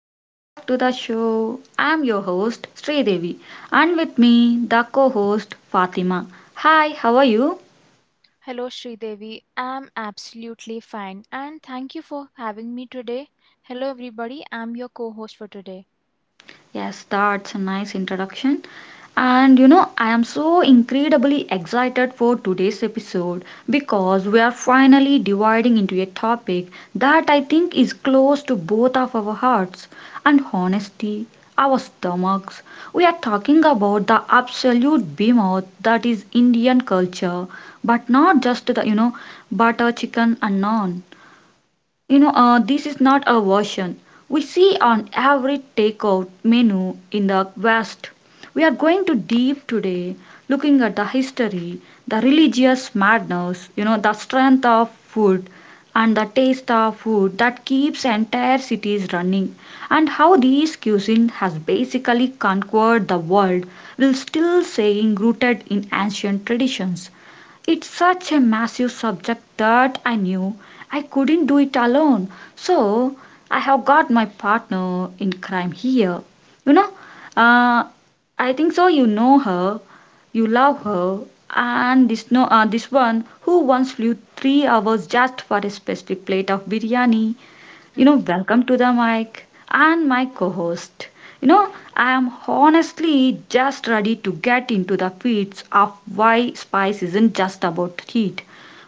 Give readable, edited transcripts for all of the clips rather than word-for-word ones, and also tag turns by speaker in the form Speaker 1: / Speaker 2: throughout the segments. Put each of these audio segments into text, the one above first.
Speaker 1: welcome back to the show. I'm your host Sridevi and with me the co-host Fatima. Hi, how are you?
Speaker 2: Hello, Sridevi. I'm absolutely fine and thank you for having me today. Hello, everybody. I'm your co host for today.
Speaker 1: Yes, that's a nice introduction. And you know, I am so incredibly excited for today's episode because we are finally dividing into a topic that I think is close to both of our hearts and honesty, our stomachs. We are talking about the absolute behemoth that is Indian culture, but not just the, you know, butter, chicken, and naan. This is not a version we see on every takeout menu in the West. We are going to deep today, looking at the history, the religious madness, you know, the strength of food and the taste of food that keeps entire cities running, and how these cuisine has basically conquered the world while still staying rooted in ancient traditions. It's such a massive subject that I knew I couldn't do it alone. So I have got my partner in crime here. You know, uh, I think so. You know her, you love her, and this no, this one who once flew 3 hours just for a specific plate of biryani you know,
Speaker 2: Mhm.
Speaker 1: welcome to the mic and my co host. You know, I am honestly just ready to get into the weeds of why spice isn't just about heat.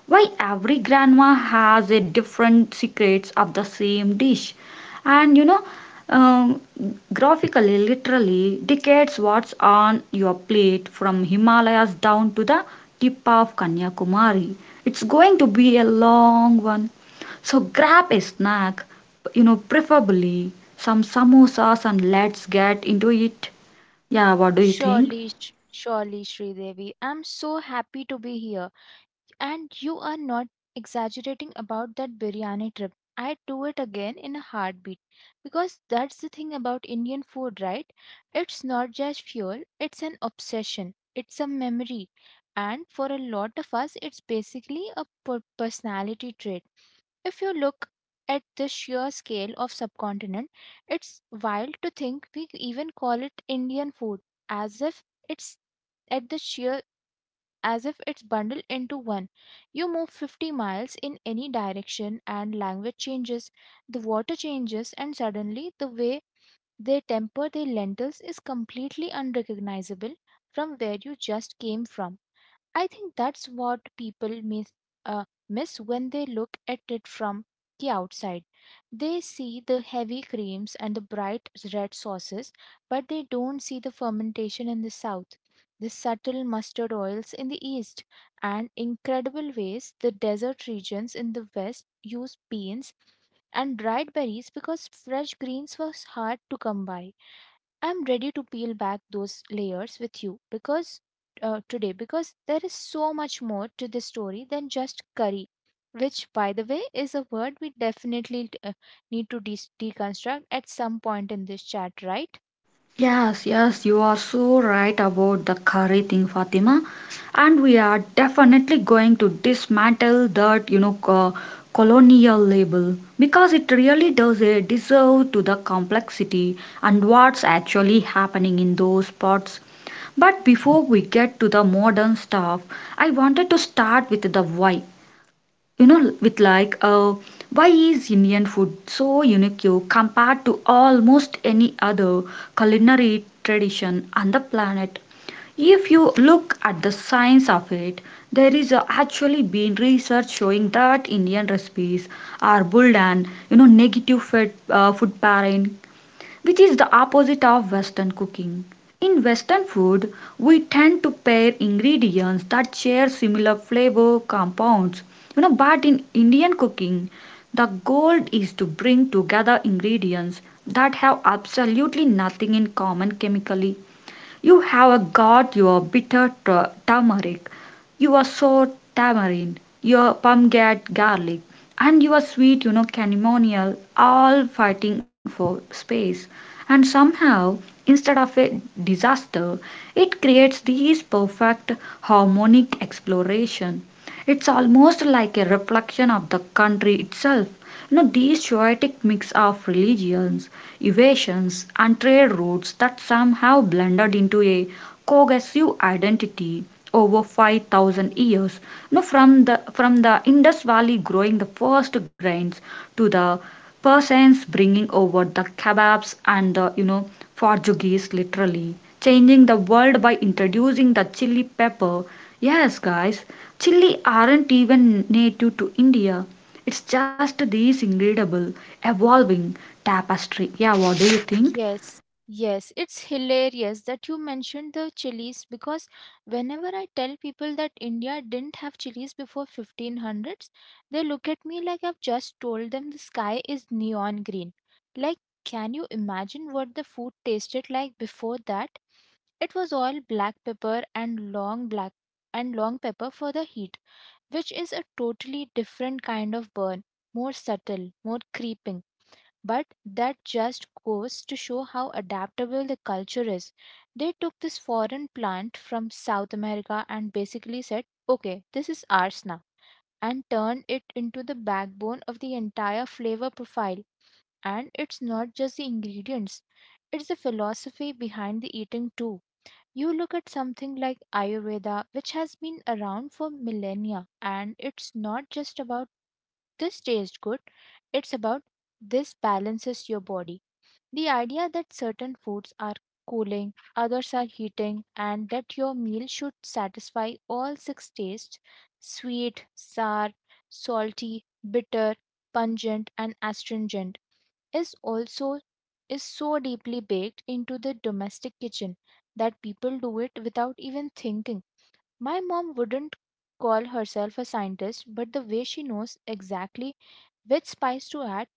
Speaker 1: Why every grandma has a different secrets of the same dish. And um, graphically, literally decades what's on your plate from Himalayas down to the tip of Kanyakumari. It's going to be a long one. So grab a snack, you know, preferably some samosas and let's get into it. Yeah, what do you think?
Speaker 2: Surely, Sridevi. I'm so happy to be here. And you are not exaggerating about that biryani trip. I'd do it again in a heartbeat because that's the thing about Indian food, right? It's not just fuel, it's an obsession, it's a memory. And for a lot of us, it's basically a personality trait. If you look at the sheer scale of subcontinent, it's wild to think we even call it Indian food, as if it's at the sheer as if it's bundled into one. You move 50 miles in any direction and language changes, the water changes, and suddenly the way they temper their lentils is completely unrecognizable from where you just came from. I think that's what people miss when they look at it from the outside. They see the heavy creams and the bright red sauces, but they don't see the fermentation in the south, the subtle mustard oils in the east, and incredible ways the desert regions in the west use beans and dried berries because fresh greens was hard to come by. I'm ready to peel back those layers with you because today because there is so much more to this story than just curry, which by the way is a word we definitely need to deconstruct at some point in this chat, right?
Speaker 1: Yes, yes, you are so right about the curry thing, Fatima. And we are definitely going to dismantle that, you know, colonial label because it really does a deserve to the complexity and what's actually happening in those parts. But before we get to the modern stuff, I wanted to start with the why, you know, with like why is indian food so unique you compared to almost any other culinary tradition on the planet. If you look at the science of it, there is actually been research showing that indian recipes are built on, you know, negative fat food pairing, which is the opposite of Western cooking. In Western food, we tend to pair ingredients that share similar flavor compounds. You know, but in Indian cooking, the goal is to bring together ingredients that have absolutely nothing in common chemically. You have got your bitter turmeric, your sour tamarind, your pomegranate garlic, and your sweet, you know, chamomile, all fighting for space. And somehow, instead of a disaster, it creates these perfect harmonic exploration. It's almost like a reflection of the country itself. Now, these chaotic mix of religions, evasions, and trade routes that somehow blended into a cohesive identity over 5,000 years. Now, from the Indus Valley growing the first grains to the persons bringing over the kebabs and the, you know, Portuguese literally changing the world by introducing the chili pepper. Yes, guys, chili aren't even native to India. It's just this incredible evolving tapestry. Yeah, what do you think?
Speaker 2: Yes, yes. It's hilarious that you mentioned the chilies because whenever I tell people that India didn't have chilies before 1500s, they look at me like I've just told them the sky is neon green. Like, can you imagine what the food tasted like before that? It was all black pepper and long black and long pepper for the heat, which is a totally different kind of burn, more subtle, more creeping. But that just goes to show how adaptable the culture is. They took this foreign plant from South America and basically said, okay, this is ours now, and turned it into the backbone of the entire flavor profile. And it's not just the ingredients, it's the philosophy behind the eating too. You look at something like Ayurveda, which has been around for millennia, and it's not just about this tastes good, it's about this balances your body. The idea that certain foods are cooling, others are heating, and that your meal should satisfy all six tastes: sweet, sour, salty, bitter, pungent, and astringent is also is so deeply baked into the domestic kitchen that people do it without even thinking. My mom wouldn't call herself a scientist, but the way she knows exactly which spice to add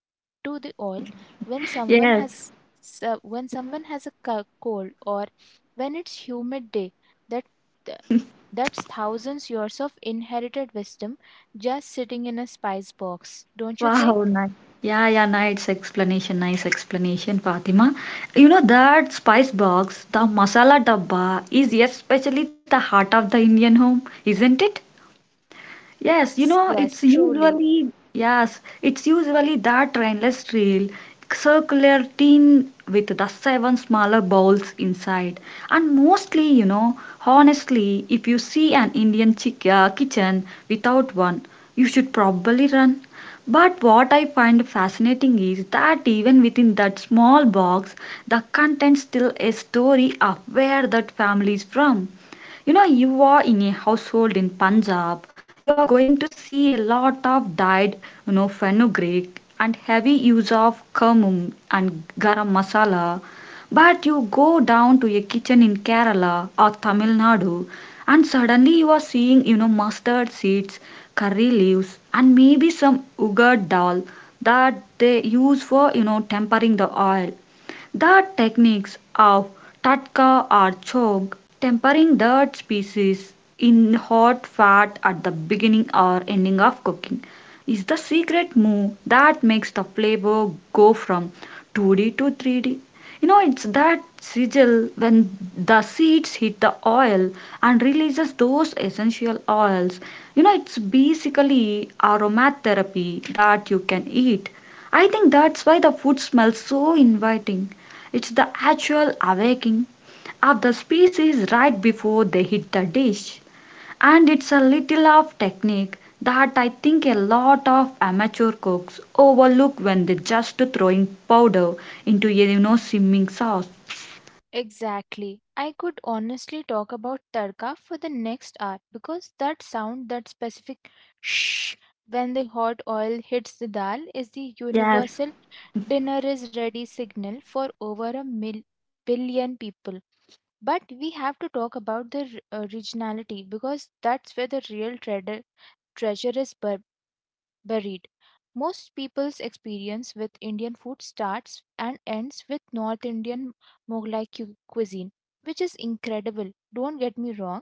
Speaker 2: to the oil when someone
Speaker 1: Yes.
Speaker 2: has cold or when it's humid day that th- that's thousands years of inherited wisdom just sitting in a spice box, don't you
Speaker 1: Wow,
Speaker 2: think?
Speaker 1: nice. Yeah, yeah, nice explanation, Fatima. You know that spice box, the masala dabba, is especially the heart of the Indian home, isn't it? Yes, you
Speaker 2: Yes,
Speaker 1: know, it's
Speaker 2: yes, truly.
Speaker 1: usually, yes, it's usually that rainless trail, circular tin with the 7 smaller bowls inside. And mostly, you know, honestly, if you see an Indian chick kitchen without one, you should probably run. But what I find fascinating is that even within that small box, the content still a story of where that family is from. You know, you are in a household in Punjab, you are going to see a lot of dyed, you know, fenugreek and heavy use of cumin and garam masala. But you go down to a kitchen in Kerala or Tamil Nadu and suddenly you are seeing, you know, mustard seeds, curry leaves and maybe some ugar dal that they use for, you know, tempering the oil. The techniques of tatka or choke, tempering the species in hot fat at the beginning or ending of cooking, is the secret move that makes the flavor go from 2D to 3D. You know, it's that sigil when the seeds hit the oil and releases those essential oils. You know, it's basically aromatherapy that you can eat. I think that's why the food smells so inviting. It's the actual awakening of the species right before they hit the dish. And it's a little of technique that I think a lot of amateur cooks overlook when they're just throwing powder into a, you know, simmering sauce.
Speaker 2: Exactly. I could honestly talk about tadka for the next hour because that sound, that specific shh when the hot oil hits the dal, is the universal dinner is ready signal for over a billion people. But we have to talk about the originality because that's where the real treasure is buried. Most people's experience with Indian food starts and ends with North Indian Mughlai cuisine, which is incredible. Don't get me wrong,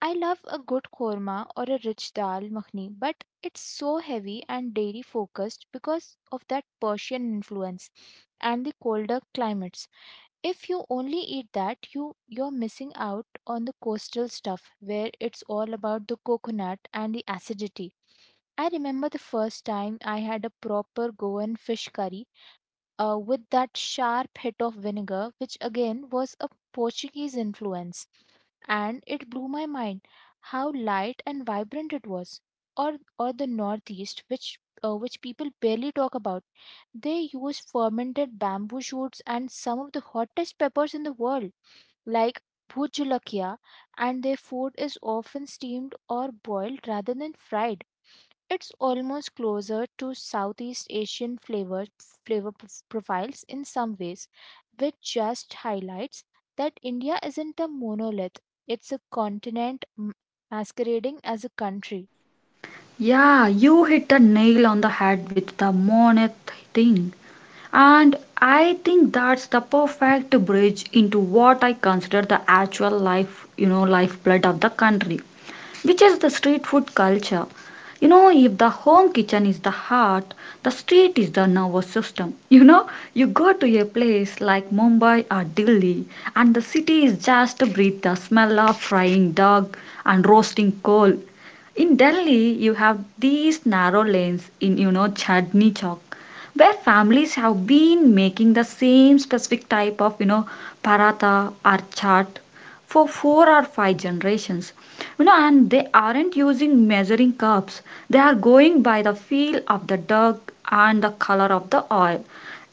Speaker 2: I love a good korma or a rich dal makhni, but it's so heavy and dairy focused because of that Persian influence and the colder climates. If you only eat that, you're missing out on the coastal stuff where it's all about the coconut and the acidity. I remember the first time I had a proper Goan fish curry with that sharp hit of vinegar, which again was a Portuguese influence. And it blew my mind how light and vibrant it was. Or the Northeast, which people barely talk about. They use fermented bamboo shoots and some of the hottest peppers in the world, like bhujulakia, and their food is often steamed or boiled rather than fried. It's almost closer to Southeast Asian flavor p- profiles in some ways, which just highlights that India isn't a monolith. It's a continent masquerading as a country.
Speaker 1: Yeah, you hit the nail on the head with the Monet thing. And I think that's the perfect bridge into what I consider the actual life, you know, lifeblood of the country, which is the street food culture. You know, if the home kitchen is the heart, the street is the nervous system. You know, you go to a place like Mumbai or Delhi, and the city is just to breathe the smell of frying dog and roasting coal. In Delhi, you have these narrow lanes in, you know, chutney chowk where families have been making the same specific type of, you know, paratha or chaat for 4 or 5 generations. You know, and they aren't using measuring cups, they are going by the feel of the dough and the color of the oil.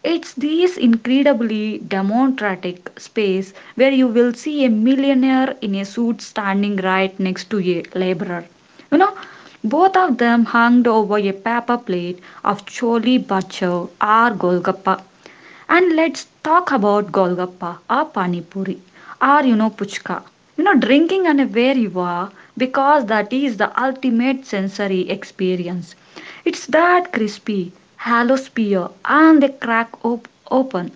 Speaker 1: It's this incredibly democratic space where you will see a millionaire in a suit standing right next to a laborer, you know, both of them hung over a paper plate of chole bhature or golgappa. And let's talk about golgappa or pani puri or, you know, puchka. You know drinking and where you are, because that is the ultimate sensory experience. It's that crispy, hollow spear and they open,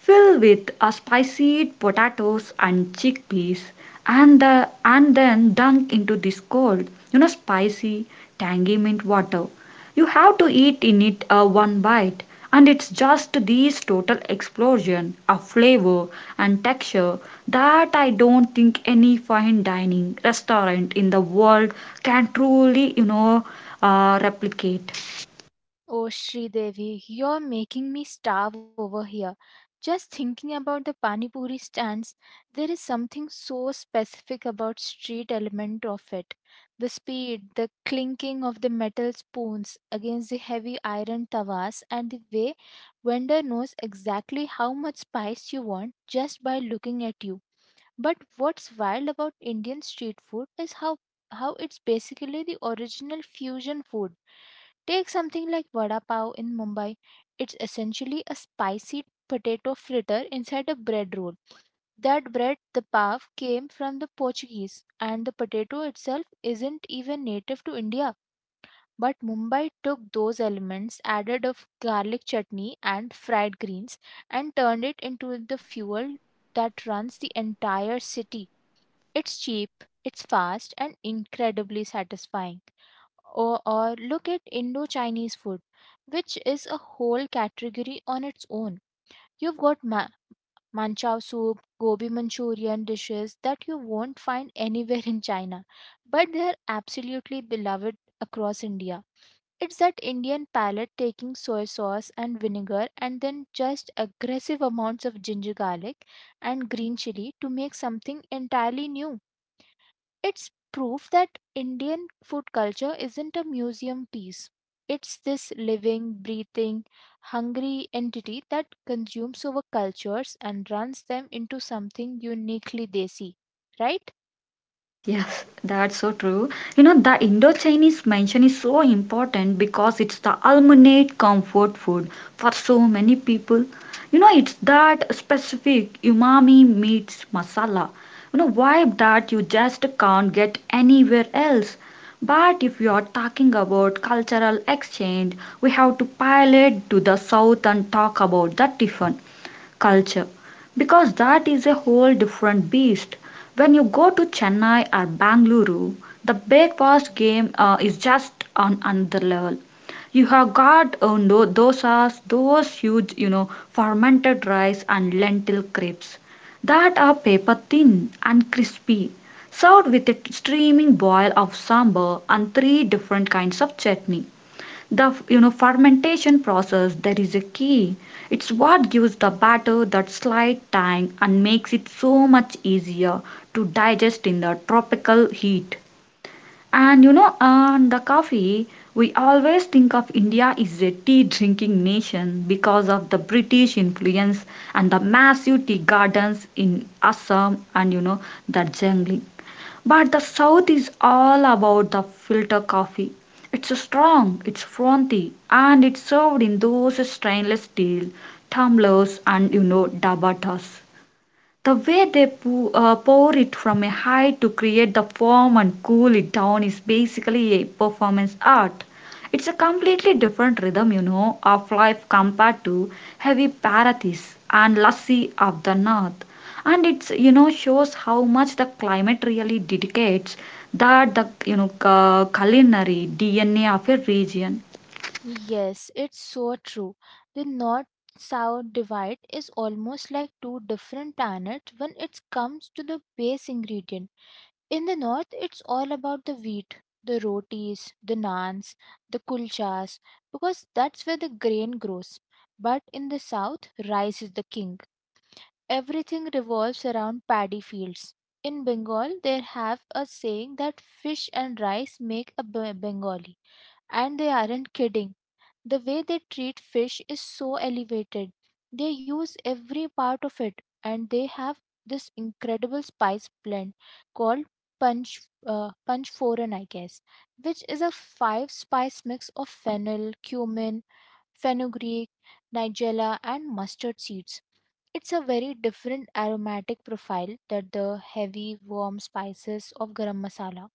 Speaker 1: fill with a spicy potatoes and chickpeas and then dunk into this cold, you know, spicy, tangy mint water. You have to eat in it one bite and it's just this total explosion of flavor and texture that I don't think any fine dining restaurant in the world can truly, you know, replicate.
Speaker 2: Oh, Devi, you're making me starve over here. Just thinking about the pani puri stands, there is something so specific about street element of it. The speed, the clinking of the metal spoons against the heavy iron tawas, and the way vendor knows exactly how much spice you want just by looking at you. But what's wild about Indian street food is how it's basically the original fusion food. Take something like vada pav in Mumbai. It's essentially a spicy potato fritter inside a bread roll. That bread, the pav, came from the Portuguese, and the potato itself isn't even native to India. But Mumbai took those elements, added of garlic chutney and fried greens, and turned it into the fuel that runs the entire city. It's cheap, it's fast, and incredibly satisfying. Or look at Indo Chinese food, which is a whole category on its own. You've got manchow soup, gobi Manchurian dishes that you won't find anywhere in China, but they're absolutely beloved across India. It's that Indian palate taking soy sauce and vinegar and then just aggressive amounts of ginger garlic and green chili to make something entirely new. It's proof that Indian food culture isn't a museum piece. It's this living, breathing, hungry entity that consumes over cultures and runs them into something uniquely desi, right?
Speaker 1: Yes, yes, that's so true. You know, the Indo Chinese mention is so important because it's the ultimate comfort food for so many people. You know, it's that specific umami meets masala. You know, vibe that you just can't get anywhere else. But if you are talking about cultural exchange, we have to pilot to the south and talk about the tiffin culture because that is a whole different beast. When you go to Chennai or Bangalore, the breakfast game is just on another level. You have got dosas, those huge, you know, fermented rice and lentil crepes that are paper thin and crispy, served with a streaming boil of sambar and three different kinds of chutney. The, you know, fermentation process there is a key. It's what gives the batter that slight tang and makes it so much easier to digest in the tropical heat. And, you know, and the coffee, we always think of india is a tea drinking nation because of the british influence and the massive tea gardens in assam and, you know, the jungle. But the South is all about the filter coffee. It's strong, it's frothy, and it's served in those stainless steel tumblers and, you know, dabatas. The way they pour it from a height to create the foam and cool it down is basically a performance art. It's a completely different rhythm, you know, of life compared to heavy parathis and lassi of the north. And it's, you know, shows how much the climate really dictates that the, you know, culinary DNA of a region.
Speaker 2: Yes, it's so true. The north south divide is almost like two different planets when it comes to the base ingredient. In the north, it's all about the wheat, the rotis, the naans, the kulchas, because that's where the grain grows. But in the south, rice is the king. Everything revolves around paddy fields. In Bengal, they have a saying that fish and rice make a Bengali, and they aren't kidding. The way they treat fish is so elevated. They use every part of it and they have this incredible spice blend called punch foreign I guess, which is a five spice mix of fennel, cumin, fenugreek, nigella and mustard seeds. It's a very different aromatic profile that the heavy warm spices of garam masala.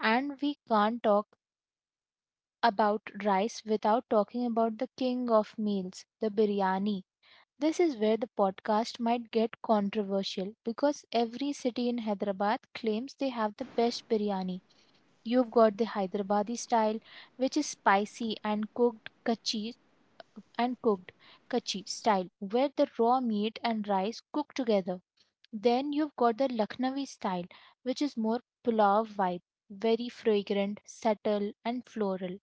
Speaker 2: And we can't talk about rice without talking about the king of meals, the biryani. This is where the podcast might get controversial because every city in Hyderabad claims they have
Speaker 1: Yes.
Speaker 2: the best biryani. You've got the Hyderabadi style, which is spicy and cooked kachi style, where the raw meat and rice cook together. Then you've got the Lucknowi style, which is more pulao vibe, very fragrant, subtle, and floral,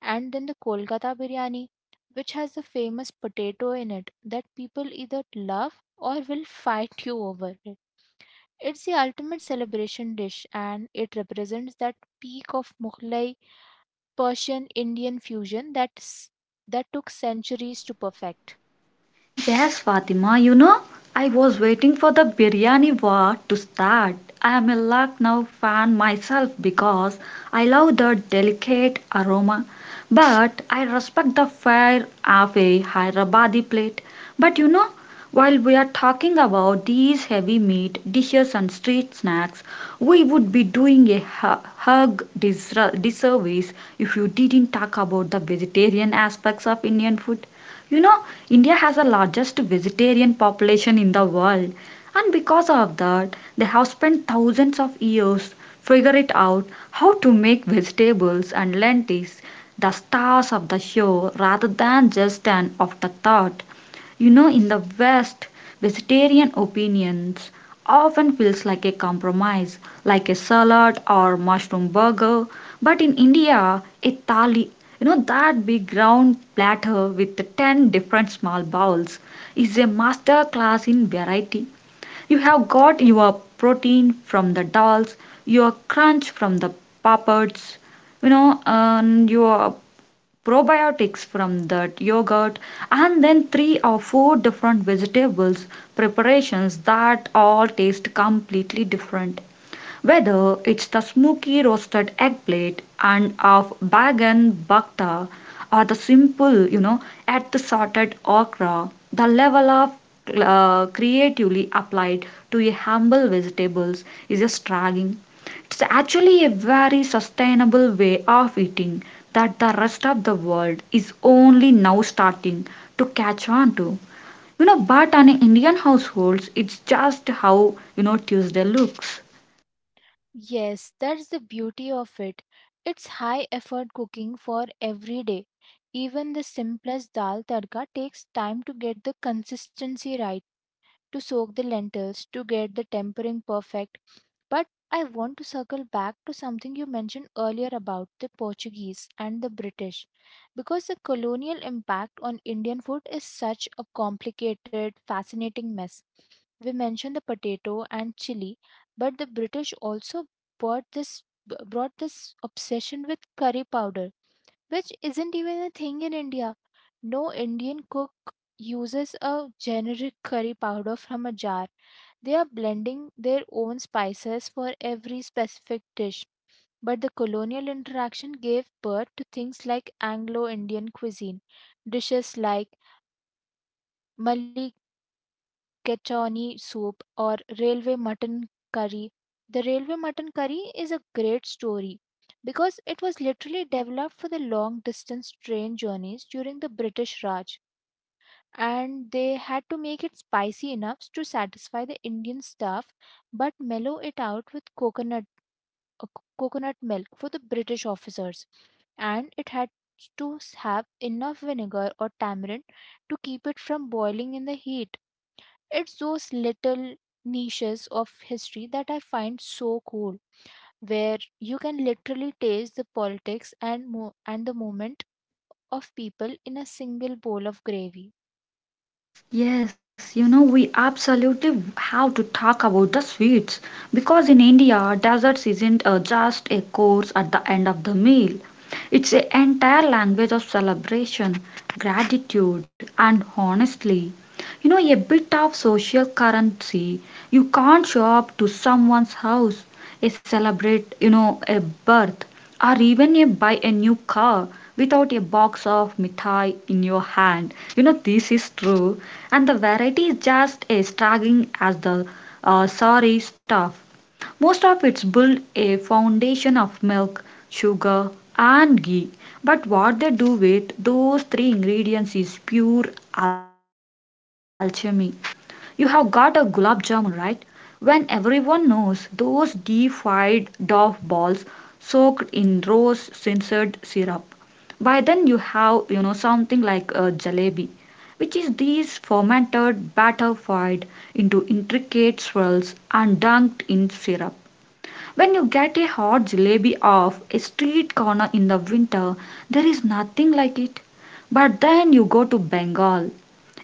Speaker 2: and then the Kolkata biryani, which has the famous potato in it that people either love or will fight you over it. It's the ultimate celebration dish and it represents that peak of Mughlai Persian Indian fusion that took centuries to perfect.
Speaker 1: Yes, Fatima, you know, I was waiting for the biryani war to start. I am a Lucknow fan myself because I love the delicate aroma, but I respect the fare of a Hyderabadi plate. But you know, while we are talking about these heavy meat dishes and street snacks, we would be doing a hug disservice if you didn't talk about the vegetarian aspects of Indian food. You know, India has the largest vegetarian population in the world, and because of that, they have spent thousands of years figure it out how to make vegetables and lentils the stars of the show rather than just an afterthought. You know, in the West, vegetarian opinions often feels like a compromise, like a salad or mushroom burger. But in India, a thali, you know, that big round platter with the 10 different small bowls, is a master class in variety. You have got your protein from the dals, your crunch from the papads, and your probiotics from that yogurt, and then three or four different vegetables preparations that all taste completely different, whether it's the smoky roasted eggplant and of Bagan Bakta or the simple, at the sorted okra. The level of creatively applied to a humble vegetables is just staggering. It's actually a very sustainable way of eating that the rest of the world is only now starting to catch on to. But on Indian households, it's just how, Tuesday looks.
Speaker 2: Yes, that's the beauty of it. It's high effort cooking for every day. Even the simplest dal tadka takes time to get the consistency right, to soak the lentils, to get the tempering perfect. But I want to circle back to something you mentioned earlier about the Portuguese and the British, because the colonial impact on Indian food is such a complicated, fascinating mess. We mentioned the potato and chili, but the British also brought this brought this obsession with curry powder, which isn't even a thing in India. No Indian cook uses a generic curry powder from a jar. They are blending their own spices for every specific dish. But the colonial interaction gave birth to things like Anglo Indian cuisine, dishes like Mali Kachoni soup or railway mutton curry. The railway mutton curry is a great story because it was literally developed for the long distance train journeys during the British Raj, and they had to make it spicy enough to satisfy the Indian staff but mellow it out with coconut coconut milk for the British officers, and it had to have enough vinegar or tamarind to keep it from boiling in the heat. It's those little niches of history that I find so cool, where you can literally taste the politics and the movement of people in a single bowl of gravy.
Speaker 1: Yes, we absolutely have to talk about the sweets because in India, desserts isn't just a course at the end of the meal. It's an entire language of celebration, gratitude, and honestly, a bit of social currency. You can't show up to someone's house a celebrate, a birth, or even a buy a new car without a box of mithai in your hand. You know, this is true. And the variety is just as striking as the sorry stuff. Most of it's built a foundation of milk, sugar, and ghee. But what they do with those three ingredients is pure alchemy. You have got a gulab jamun, right? When everyone knows those deep-fried dough balls soaked in rose censored syrup. By then you have, something like a jalebi, which is these fermented batter fried into intricate swirls and dunked in syrup. When you get a hot jalebi off a street corner in the winter, there is nothing like it. But then you go to Bengal,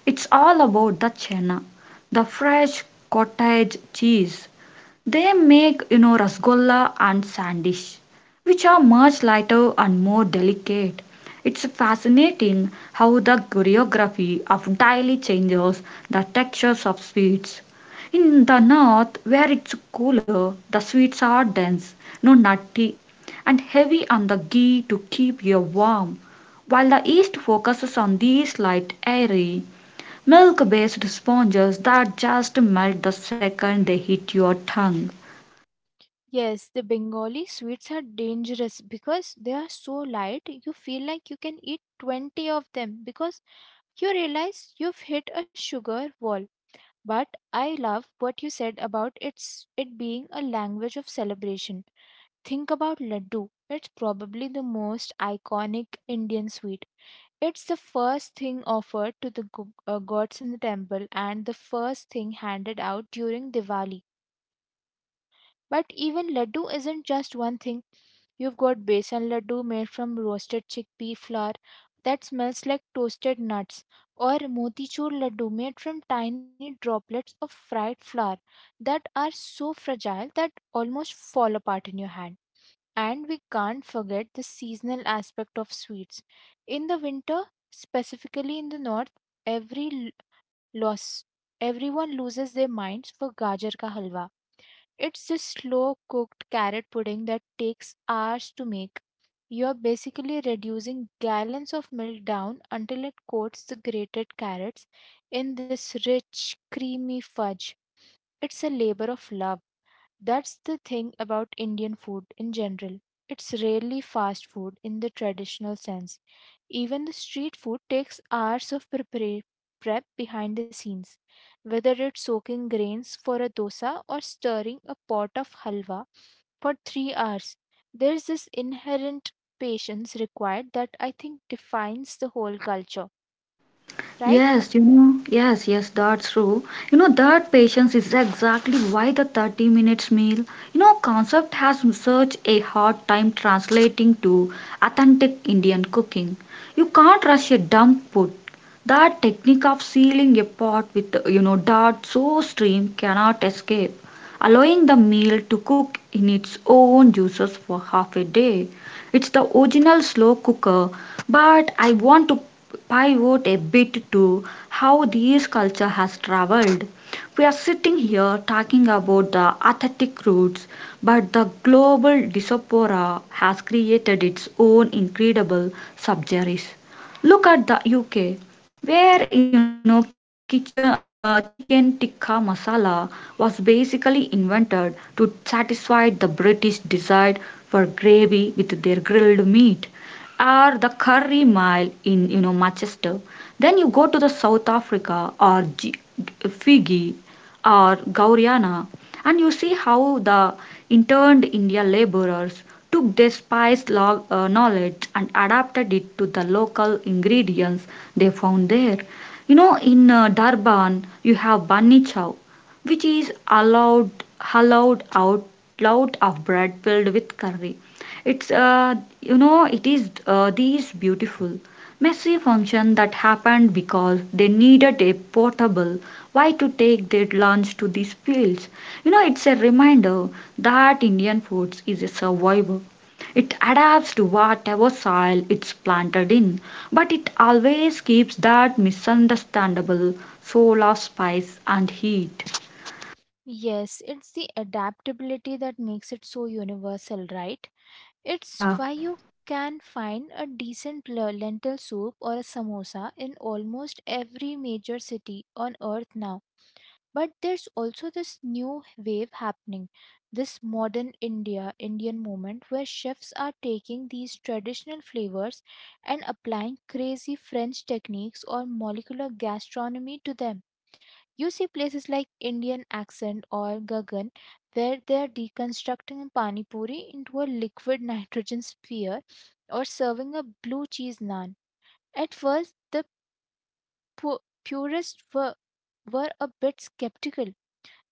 Speaker 1: it's all about the chana, the fresh cottage cheese. They make, rasgulla and sandish, which are much lighter and more delicate. It's fascinating how the choreography of daily changes the textures of sweets. In the north, where it's cooler, the sweets are dense, no nutty, and heavy on the ghee to keep you warm, while the east focuses on these light, airy, milk based sponges that just melt the second they hit your tongue.
Speaker 2: Yes, the Bengali sweets are dangerous because they are so light, you feel like you can eat 20 of them because you realize you've hit a sugar wall. But I love what you said about its it being a language of celebration. Think about laddu. It's probably the most iconic Indian sweet. It's the first thing offered to the gods in the temple and the first thing handed out during Diwali. But even laddu isn't just one thing. You've got besan laddu made from roasted chickpea flour that smells like toasted nuts, or motichur laddu made from tiny droplets of fried flour that are so fragile that almost fall apart in your hand. And we can't forget the seasonal aspect of sweets. In the winter, specifically in the north, every l- loss everyone loses their minds for gajar ka halwa. It's this slow cooked carrot pudding that takes hours to make. You are basically reducing gallons of milk down until it coats the grated carrots in this rich, creamy fudge. It's a labor of love. That's the thing about Indian food in general. It's rarely fast food in the traditional sense. Even the street food takes hours of prep behind the scenes, whether it's soaking grains for a dosa or stirring a pot of halwa for 3 hours. There's this inherent patience required that I think defines the whole culture, right?
Speaker 1: Yes, yes, yes, that's true. That patience is exactly why the 30 minutes meal, concept has such a hard time translating to authentic Indian cooking. You can't rush a dump put. That technique of sealing a pot with, that so steam cannot escape, allowing the meal to cook in its own juices for half a day. It's the original slow cooker, but I want to pivot a bit to how this culture has traveled. We are sitting here talking about the authentic roots, but the global diaspora has created its own incredible subgenres. Look at the UK, where chicken tikka masala was basically invented to satisfy the British desire for gravy with their grilled meat, or the curry mile in Manchester. Then you go to the South Africa or Fiji or Guyana, and you see how the interned Indian laborers took their knowledge and adapted it to the local ingredients they found there. You know, in Durban, you have bunny chow, which is allowed, allowed out loud of bread filled with curry. It's you know, it is these beautiful messy function that happened because they needed a portable Why to take their lunch to these fields. You know, it's a reminder that Indian foods is a survivor. It adapts to whatever soil it's planted in, but it always keeps that misunderstandable soul of spice and heat.
Speaker 2: Yes, it's the adaptability that makes it so universal, right? It's
Speaker 1: Yeah.
Speaker 2: why you can find a decent lentil soup or a samosa in almost every major city on earth now. But there's also this new wave happening, this modern Indian moment, where chefs are taking these traditional flavors and applying crazy French techniques or molecular gastronomy to them. You see places like Indian Accent or Gagan where they are deconstructing pani puri into a liquid nitrogen sphere or serving a blue cheese naan. At first, pu- purists were a bit skeptical,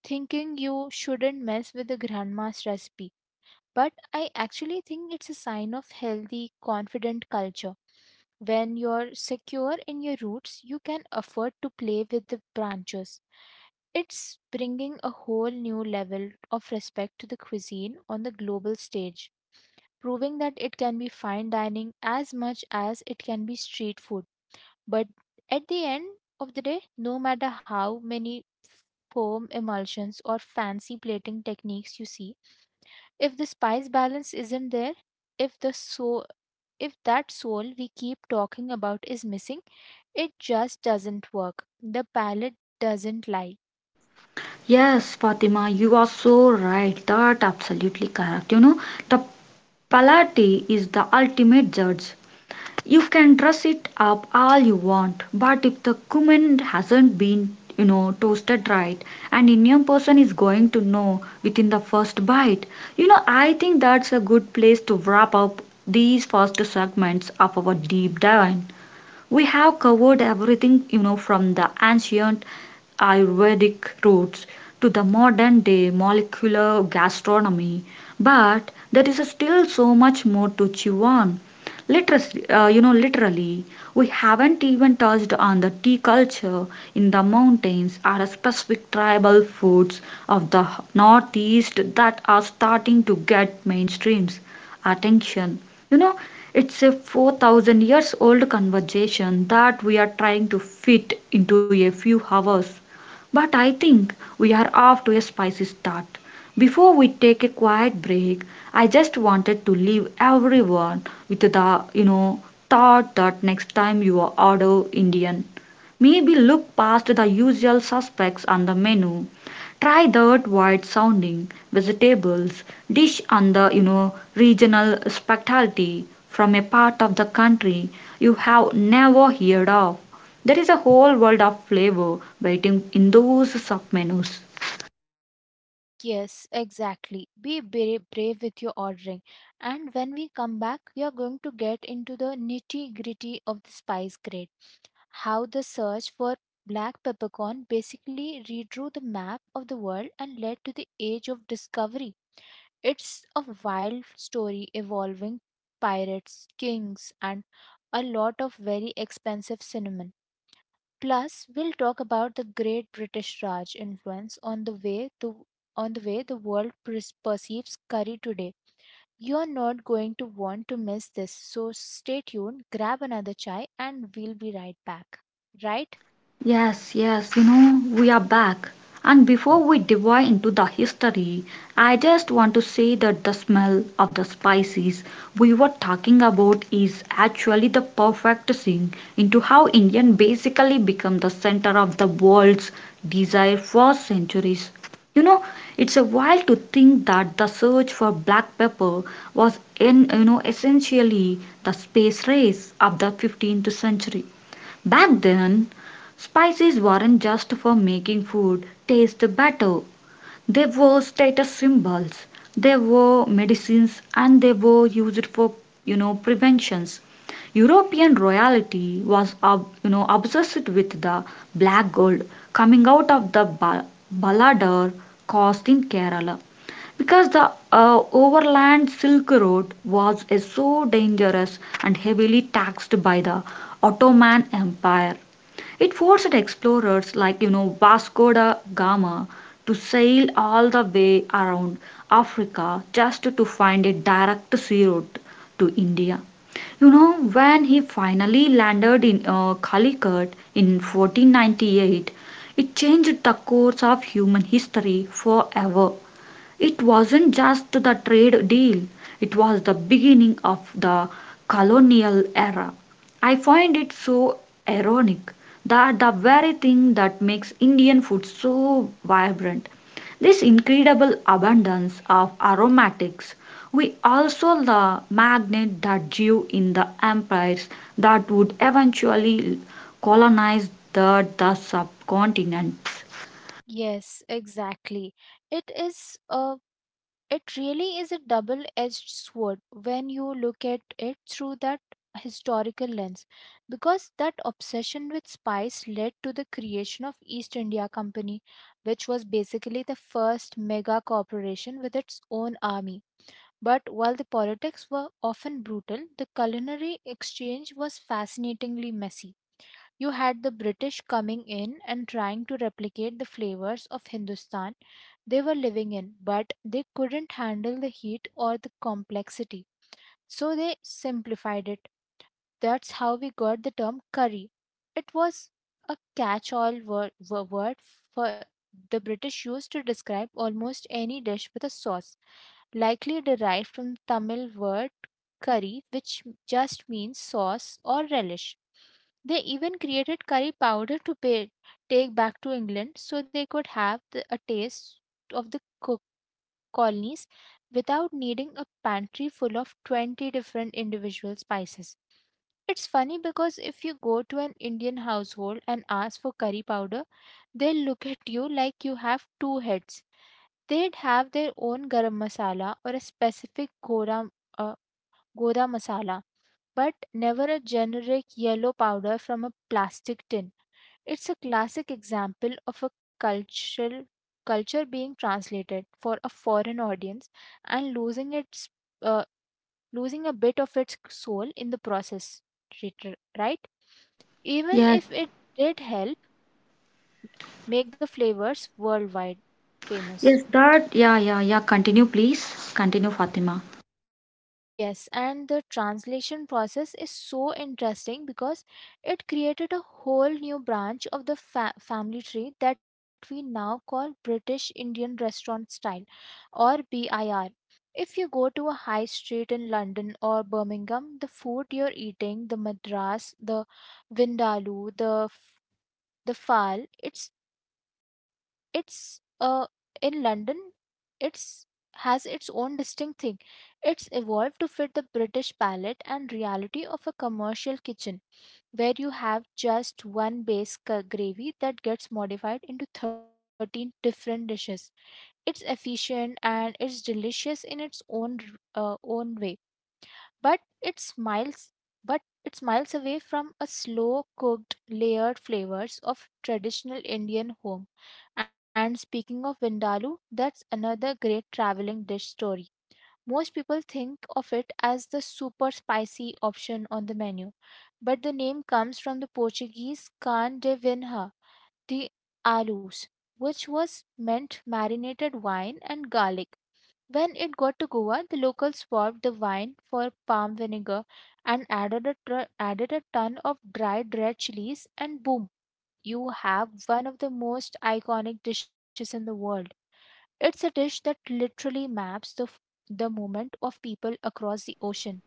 Speaker 2: thinking you shouldn't mess with the grandma's recipe. But I actually think it's a sign of healthy, confident culture. When you're secure in your roots, you can afford to play with the branches. It's bringing a whole new level of respect to the cuisine on the global stage, proving that it can be fine dining as much as it can be street food. But at the end of the day, no matter how many foam emulsions or fancy plating techniques you see, if the spice balance isn't there, if the so if that soul we keep talking about is missing, it just doesn't work. The palette doesn't lie.
Speaker 1: Yes, Fatima, you are so right. That absolutely correct. The palate is the ultimate judge. You can dress it up all you want, but if the cumin hasn't been, toasted right, an Indian person is going to know within the first bite. I think that's a good place to wrap up these first segments of our deep dive. We have covered everything, from the ancient Ayurvedic roots to the modern day molecular gastronomy, but there is still so much more to chew on. Literally, we haven't even touched on the tea culture in the mountains or specific tribal foods of the northeast that are starting to get mainstreams attention. You know, it's a 4,000 years old conversation that we are trying to fit into a few hours. But I think we are off to a spicy start. Before we take a quiet break, I just wanted to leave everyone with the, thought that next time you order Indian, maybe look past the usual suspects on the menu, try that wide sounding vegetables dish and the regional specialty from a part of the country you have never heard of. There is a whole world of flavor waiting in those submenus.
Speaker 2: Yes, exactly. Brave with your ordering. And when we come back, we are going to get into the nitty gritty of the spice grade. How the search for black peppercorn basically redrew the map of the world and led to the age of discovery. It's a wild story evolving pirates, kings, and a lot of very expensive cinnamon. Plus, we'll talk about the great British Raj influence on the way the on the way the world perceives curry today. You're not going to want to miss this, so stay tuned, grab another chai, and we'll be right back. Right?
Speaker 1: Yes, yes, we are back. And before we dive into the history, I just want to say that the smell of the spices we were talking about is actually the perfect thing into how Indian basically become the center of the world's desire for centuries. You know, it's a while to think that the search for black pepper was in essentially the space race of the 15th century. Back then, spices weren't just for making food taste better. They were status symbols, they were medicines, and they were used for preventions. European royalty was obsessed with the black gold coming out of the Baladar coast in Kerala, because the overland silk road was so dangerous and heavily taxed by the Ottoman empire. It forced explorers like Vasco da Gama to sail all the way around Africa just to find a direct sea route to India. You know, when he finally landed in Calicut in 1498, it changed the course of human history forever. It wasn't just the trade deal, it was the beginning of the colonial era. I find it so ironic that the very thing that makes Indian food so vibrant, this incredible abundance of aromatics, we also the magnet that drew in the empires that would eventually colonize the subcontinent.
Speaker 2: Yes, exactly. It is a It really is a double edged sword when you look at it through that historical lens, because that obsession with spice led to the creation of East India Company, which was basically the first mega corporation with its own army. But while the politics were often brutal, the culinary exchange was fascinatingly messy. You had the British coming in and trying to replicate the flavors of Hindustan they were living in, but they couldn't handle the heat or the complexity. So they simplified it. That's how we got the term curry. It was a catch all word for the British used to describe almost any dish with a sauce, likely derived from Tamil word curry, which just means sauce or relish. They even created curry powder to take back to England so they could have a taste of colonies without needing a pantry full of 20 different individual spices. It's funny because if you go to an Indian household and ask for curry powder, they'll look at you like you have two heads. They'd have their own garam masala or a specific uh, goda masala, but never a generic yellow powder from a plastic tin. It's a classic example of a cultural culture being translated for a foreign audience and losing its uh, losing a bit of its soul in the process, right? Even
Speaker 1: Yes,
Speaker 2: if it did help make the flavors worldwide famous.
Speaker 1: yes, that, yeah, yeah, yeah. Continue, please. Continue, Fatima.
Speaker 2: Yes, and the translation process is so interesting because it created a whole new branch of family tree that we now call British Indian Restaurant Style or BIR. If you go to a high street in London or Birmingham, the food you're eating, the Madras, the Vindaloo, the Fal, it's in london it's has its own distinct thing. It's evolved to fit the british palate and reality of a commercial kitchen where you have just one base gravy that gets modified into 13 different dishes. It's efficient and it's delicious in its own own way. But it smiles, but it smiles away from a slow cooked layered flavors of traditional Indian home. And speaking of vindaloo, that's another great traveling dish story. Most people think of it as the super spicy option on the menu, but the name comes from the Portuguese can de vinha, the alus, which was meant marinated wine and garlic. When it got to Goa, the locals swapped the wine for palm vinegar and added a ton of dried red chilies, and boom, you have one of the most iconic dishes in the world. It's a dish that literally maps the moment of people across the ocean.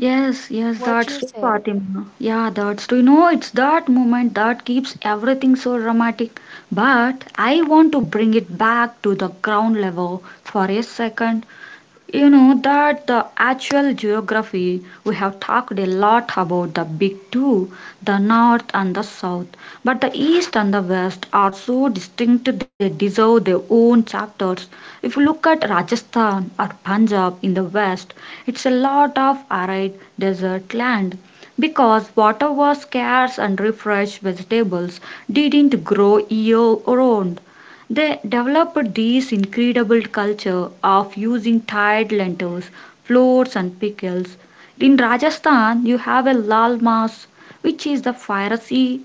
Speaker 1: Yes, yes,
Speaker 2: What do
Speaker 1: that's
Speaker 2: you
Speaker 1: true,
Speaker 2: say?
Speaker 1: Fatima. Yeah, that's true. It's that moment that keeps everything so dramatic. But I want to bring it back to the ground level for a second. That the actual geography, we have talked a lot about the big two, the north and the south, but the east and the west are so distinct they deserve their own chapters. If you look at Rajasthan or Punjab in the west, it's a lot of arid desert land because water was scarce and refreshed vegetables didn't grow year round. They developed this incredible culture of using tied lentils, floats, and pickles. In Rajasthan, you have a lal mas, which is the fiery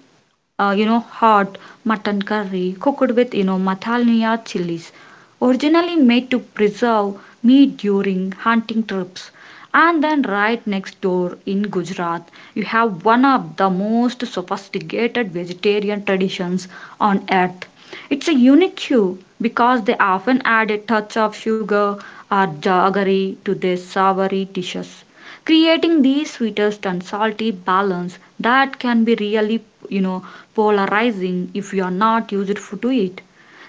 Speaker 1: hot mutton curry cooked with, Mathaliya chilies, originally made to preserve meat during hunting trips. And then right next door in Gujarat, you have one of the most sophisticated vegetarian traditions on earth. It's a unique chew because they often add a touch of sugar or jaggery to their savory dishes, creating these sweetest and salty balance that can be really, you know polarizing if you are not to it.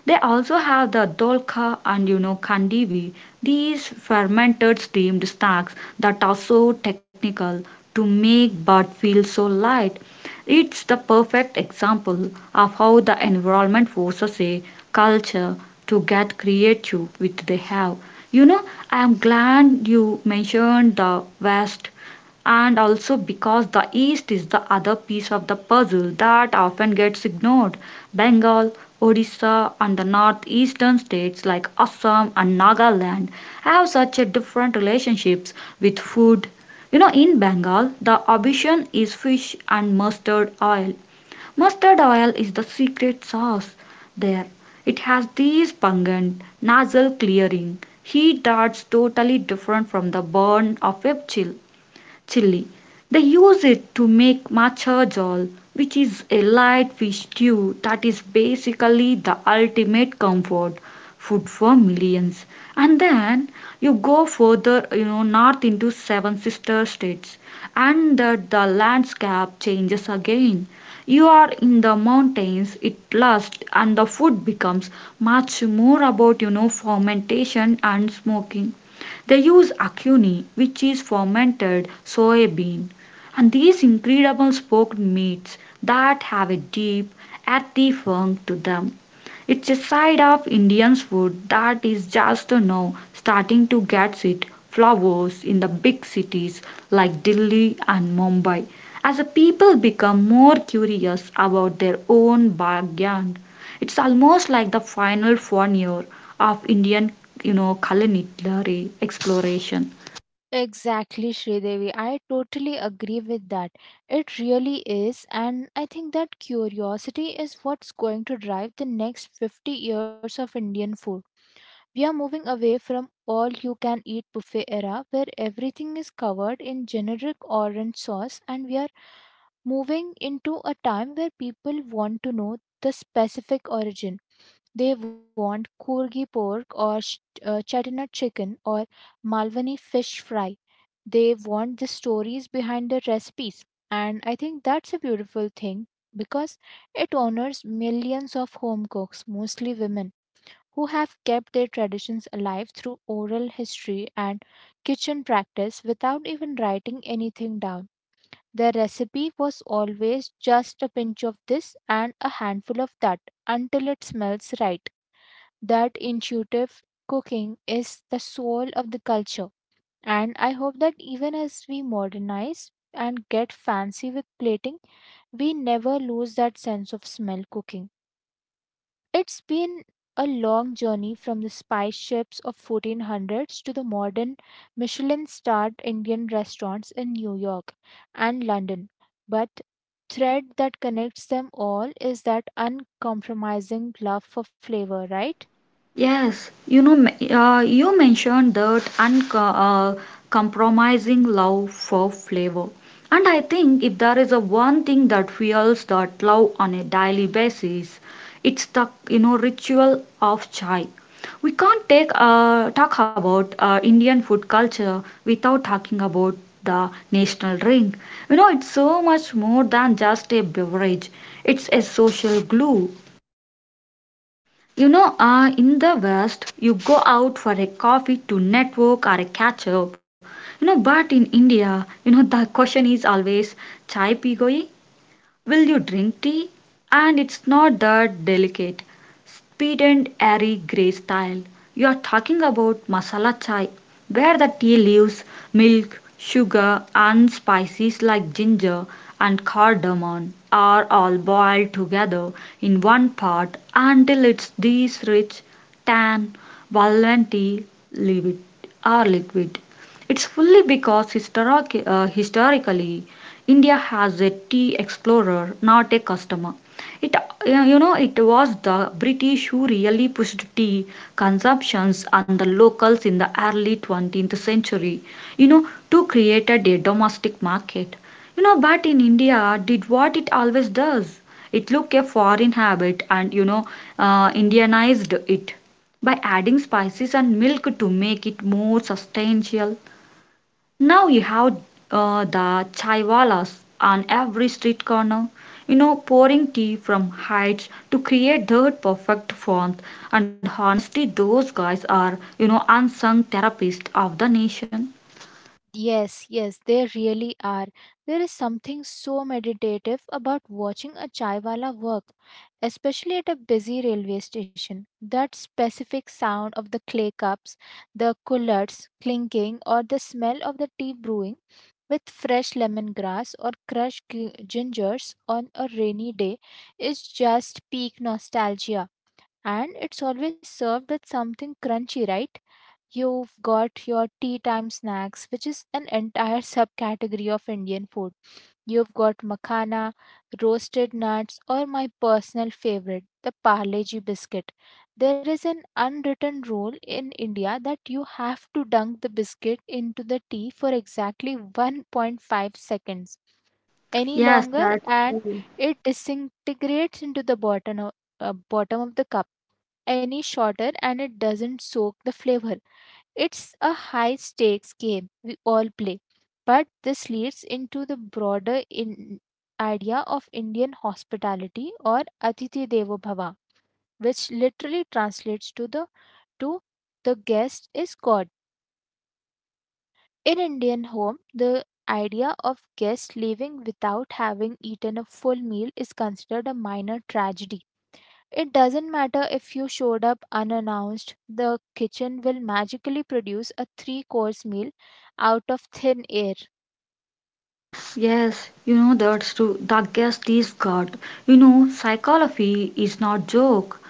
Speaker 1: They also have the dolka and kandivi, these fermented steamed snacks that are so technical to make but feel so light. It's the perfect example of how the environment forces a culture to get creative with they have. You know, I am glad you mentioned the West, and also because the East is the other piece of the puzzle that often gets ignored. Bengal, Odisha, and the northeastern states like Assam and Nagaland have such a different relationships with food. In Bengal, the obsession is fish and mustard oil. Mustard oil is the secret sauce there. It has this pungent, nasal clearing heat that's totally different from the burn of a chill chili. They use it to make matcha jal, which is a light fish stew that is basically the ultimate comfort food for millions. And then you go further, north into seven sister states, and that the landscape changes again. You are in the mountains, it lasts, and the food becomes much more about, fermentation and smoking. They use acune, which is fermented soybean, and these incredible smoked meats that have a deep, earthy funk to them. It's a side of Indian food that is just now starting to get its flowers in the big cities like Delhi and Mumbai, as the people become more curious about their own backyard. It's almost like the final frontier of Indian, culinary exploration.
Speaker 2: Exactly, Sridevi. I totally agree with that. It really is, and I think that curiosity is what's going to drive the next 50 years of Indian food. We are moving away from all you can eat buffet era where everything is covered in generic orange sauce, and we are moving into a time where people want to know the specific origin. They want kurgi pork or chettinad chicken or malwani fish fry. They want the stories behind the recipes, and I think that's a beautiful thing because it honors millions of home cooks, mostly women who have kept their traditions alive through oral history and kitchen practice without even writing anything down. Their recipe was always just a pinch of this and a handful of that until it smells right. That intuitive cooking is the soul of the culture, and I hope that even as we modernize and get fancy with plating, we never lose that sense of smell cooking. It's been a long journey from the spice ships of 1400s to the modern Michelin-starred Indian restaurants in New York and London. But thread that connects them all is that uncompromising love for flavor, right?
Speaker 1: Yes, you mentioned that uncompromising compromising love for flavor. And I think if there is a one thing that fuels that love on a daily basis, it's the ritual of chai. We can't take talk about Indian food culture without talking about the national drink. You know, it's so much more than just a beverage. It's a social glue, you know, in the West, you go out for a coffee to network or a catch up. You know, but in India, you know, the question is always chai pi goi? Will you drink tea? And it's not that delicate, sweet and airy grey style. You're talking about masala chai, where the tea leaves, milk, sugar, and spices like ginger and cardamom are all boiled together in one pot until it's this rich, tan, velvety liquid liquid. It's fully because historically India has a tea explorer, not a customer. It, you know, it was the British who really pushed tea consumptions on the locals in the early 20th century, you know, to create a domestic market. You know, but in India, did what it always does. It took a foreign habit and, Indianized it by adding spices and milk to make it more substantial. Now you have the chaiwalas on every street corner, you know, pouring tea from heights to create that perfect font. And honestly, those guys are, you know, unsung therapists of the nation.
Speaker 2: Yes, yes, they really are. There is something so meditative about watching a chaiwala work, especially at a busy railway station. That specific sound of the clay cups, the coolers clinking, or the smell of the tea brewing with fresh lemongrass or crushed gingers on a rainy day is just peak nostalgia. And it's always served with something crunchy, right? You've got your tea time snacks, which is an entire subcategory of Indian food. You've got makhana, roasted nuts, or my personal favorite, the Parleji biscuit. There is an unwritten rule in India that you have to dunk the biscuit into the tea for exactly 1.5 seconds. Any
Speaker 1: Yes,
Speaker 2: longer
Speaker 1: that's
Speaker 2: and
Speaker 1: true.
Speaker 2: it disintegrates into the bottom of the cup. Any shorter and it doesn't soak the flavor. It's a high stakes game we all play, but this leads into the broader in idea of Indian hospitality or Atithi Devo Bhava, which literally translates to to the guest is God. In Indian home, the idea of guest leaving without having eaten a full meal is considered a minor tragedy. It doesn't matter if you showed up unannounced, the kitchen will magically produce a three course meal out of thin air.
Speaker 1: Yes, you know that's true. The guest is God. You know, psychology is not joke.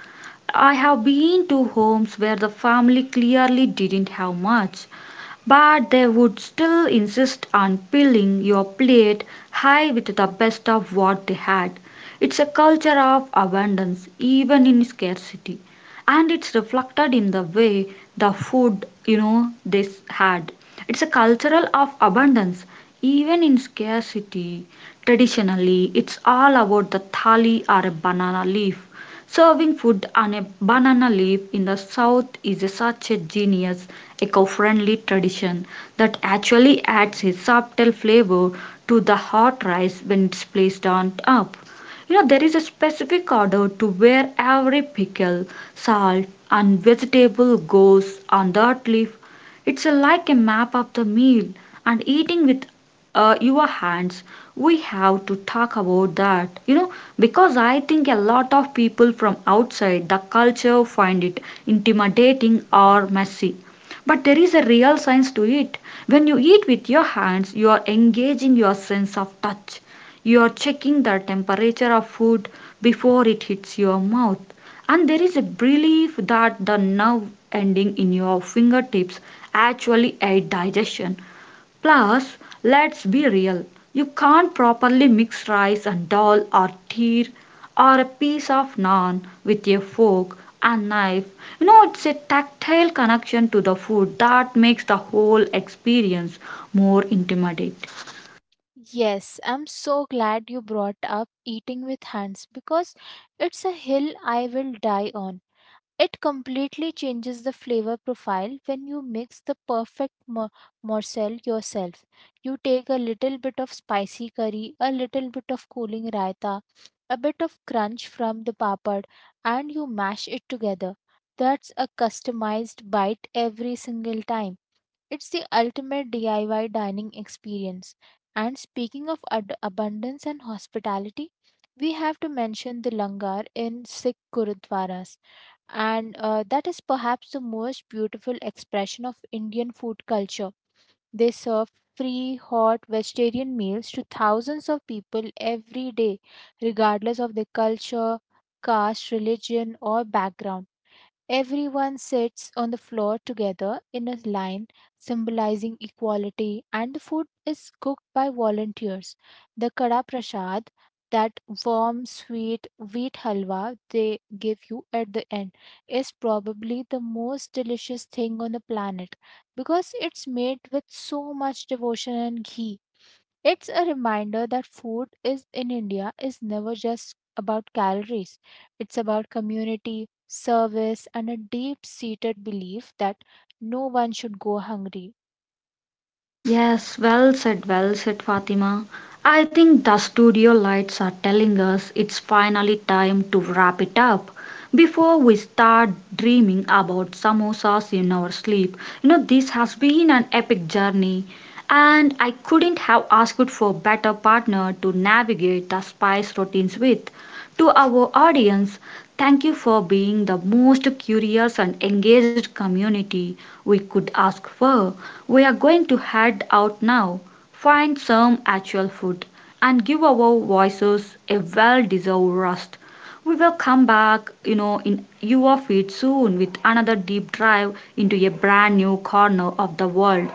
Speaker 1: I have been to homes where the family clearly didn't have much, but they would still insist on filling your plate high with the best of what they had. It's a culture of abundance, even in scarcity, and it's reflected in the way the food you know they had. It's a cultural of abundance, even in scarcity. Traditionally, it's all about the thali or a banana leaf. Serving food on a banana leaf in the South is a, such a genius, eco friendly tradition that actually adds a subtle flavor to the hot rice when it's placed on top. You know, there is a specific order to where every pickle, salt, and vegetable goes on that leaf. It's a, like a map of the meal, and eating with your hands, we have to talk about that, you know, because I think a lot of people from outside the culture find it intimidating or messy, but there is a real science to it. When you eat with your hands, you are engaging your sense of touch. You are checking the temperature of food before it hits your mouth, and there is a belief that the nerve ending in your fingertips actually aid digestion. Plus, let's be real, you can't properly mix rice and dal or teer or a piece of naan with a fork and knife. You know, it's a tactile connection to the food that makes the whole experience more intimate.
Speaker 2: Yes, I'm so glad you brought up eating with hands because it's a hill I will die on. It completely changes the flavor profile when you mix the perfect morsel yourself. You take a little bit of spicy curry, a little bit of cooling raita, a bit of crunch from the papad, and you mash it together. That's a customized bite every single time. It's the ultimate DIY dining experience. And speaking of abundance and hospitality, we have to mention the langar in Sikh gurudwaras, and that is perhaps the most beautiful expression of Indian food culture. They serve free, hot vegetarian meals to thousands of people every day, regardless of their culture, caste, religion, or background. Everyone sits on the floor together in a line, symbolizing equality, and the food is cooked by volunteers. The Kada Prasad, that warm, sweet wheat halwa they give you at the end, is probably the most delicious thing on the planet because it's made with so much devotion and ghee. It's a reminder that food is in India is never just about calories. It's about community, service, and a deep-seated belief that no one should go hungry.
Speaker 1: Yes, well said, Fatima. I think the studio lights are telling us it's finally time to wrap it up before we start dreaming about samosas in our sleep. You know, this has been an epic journey, and I couldn't have asked for a better partner to navigate the spice routines with. To our audience, thank you for being the most curious and engaged community we could ask for. We are going to head out now, find some actual food, and give our voices a well deserved rest. We will come back, you know, in your feed soon with another deep dive into a brand new corner of the world.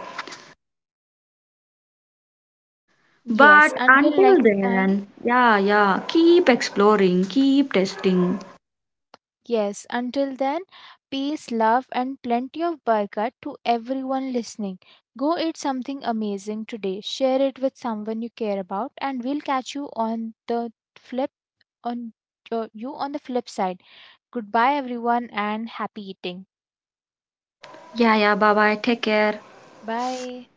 Speaker 2: Yes,
Speaker 1: But
Speaker 2: until
Speaker 1: until
Speaker 2: next time.
Speaker 1: then, yeah, yeah, keep exploring, keep testing.
Speaker 2: Yes, until then, peace, love, and plenty of barkat to everyone listening. Go eat something amazing today. Share it with someone you care about, and we'll catch on you on the flip side. Goodbye, everyone, and happy eating.
Speaker 1: Yeah, yeah, bye bye, take care.
Speaker 2: Bye.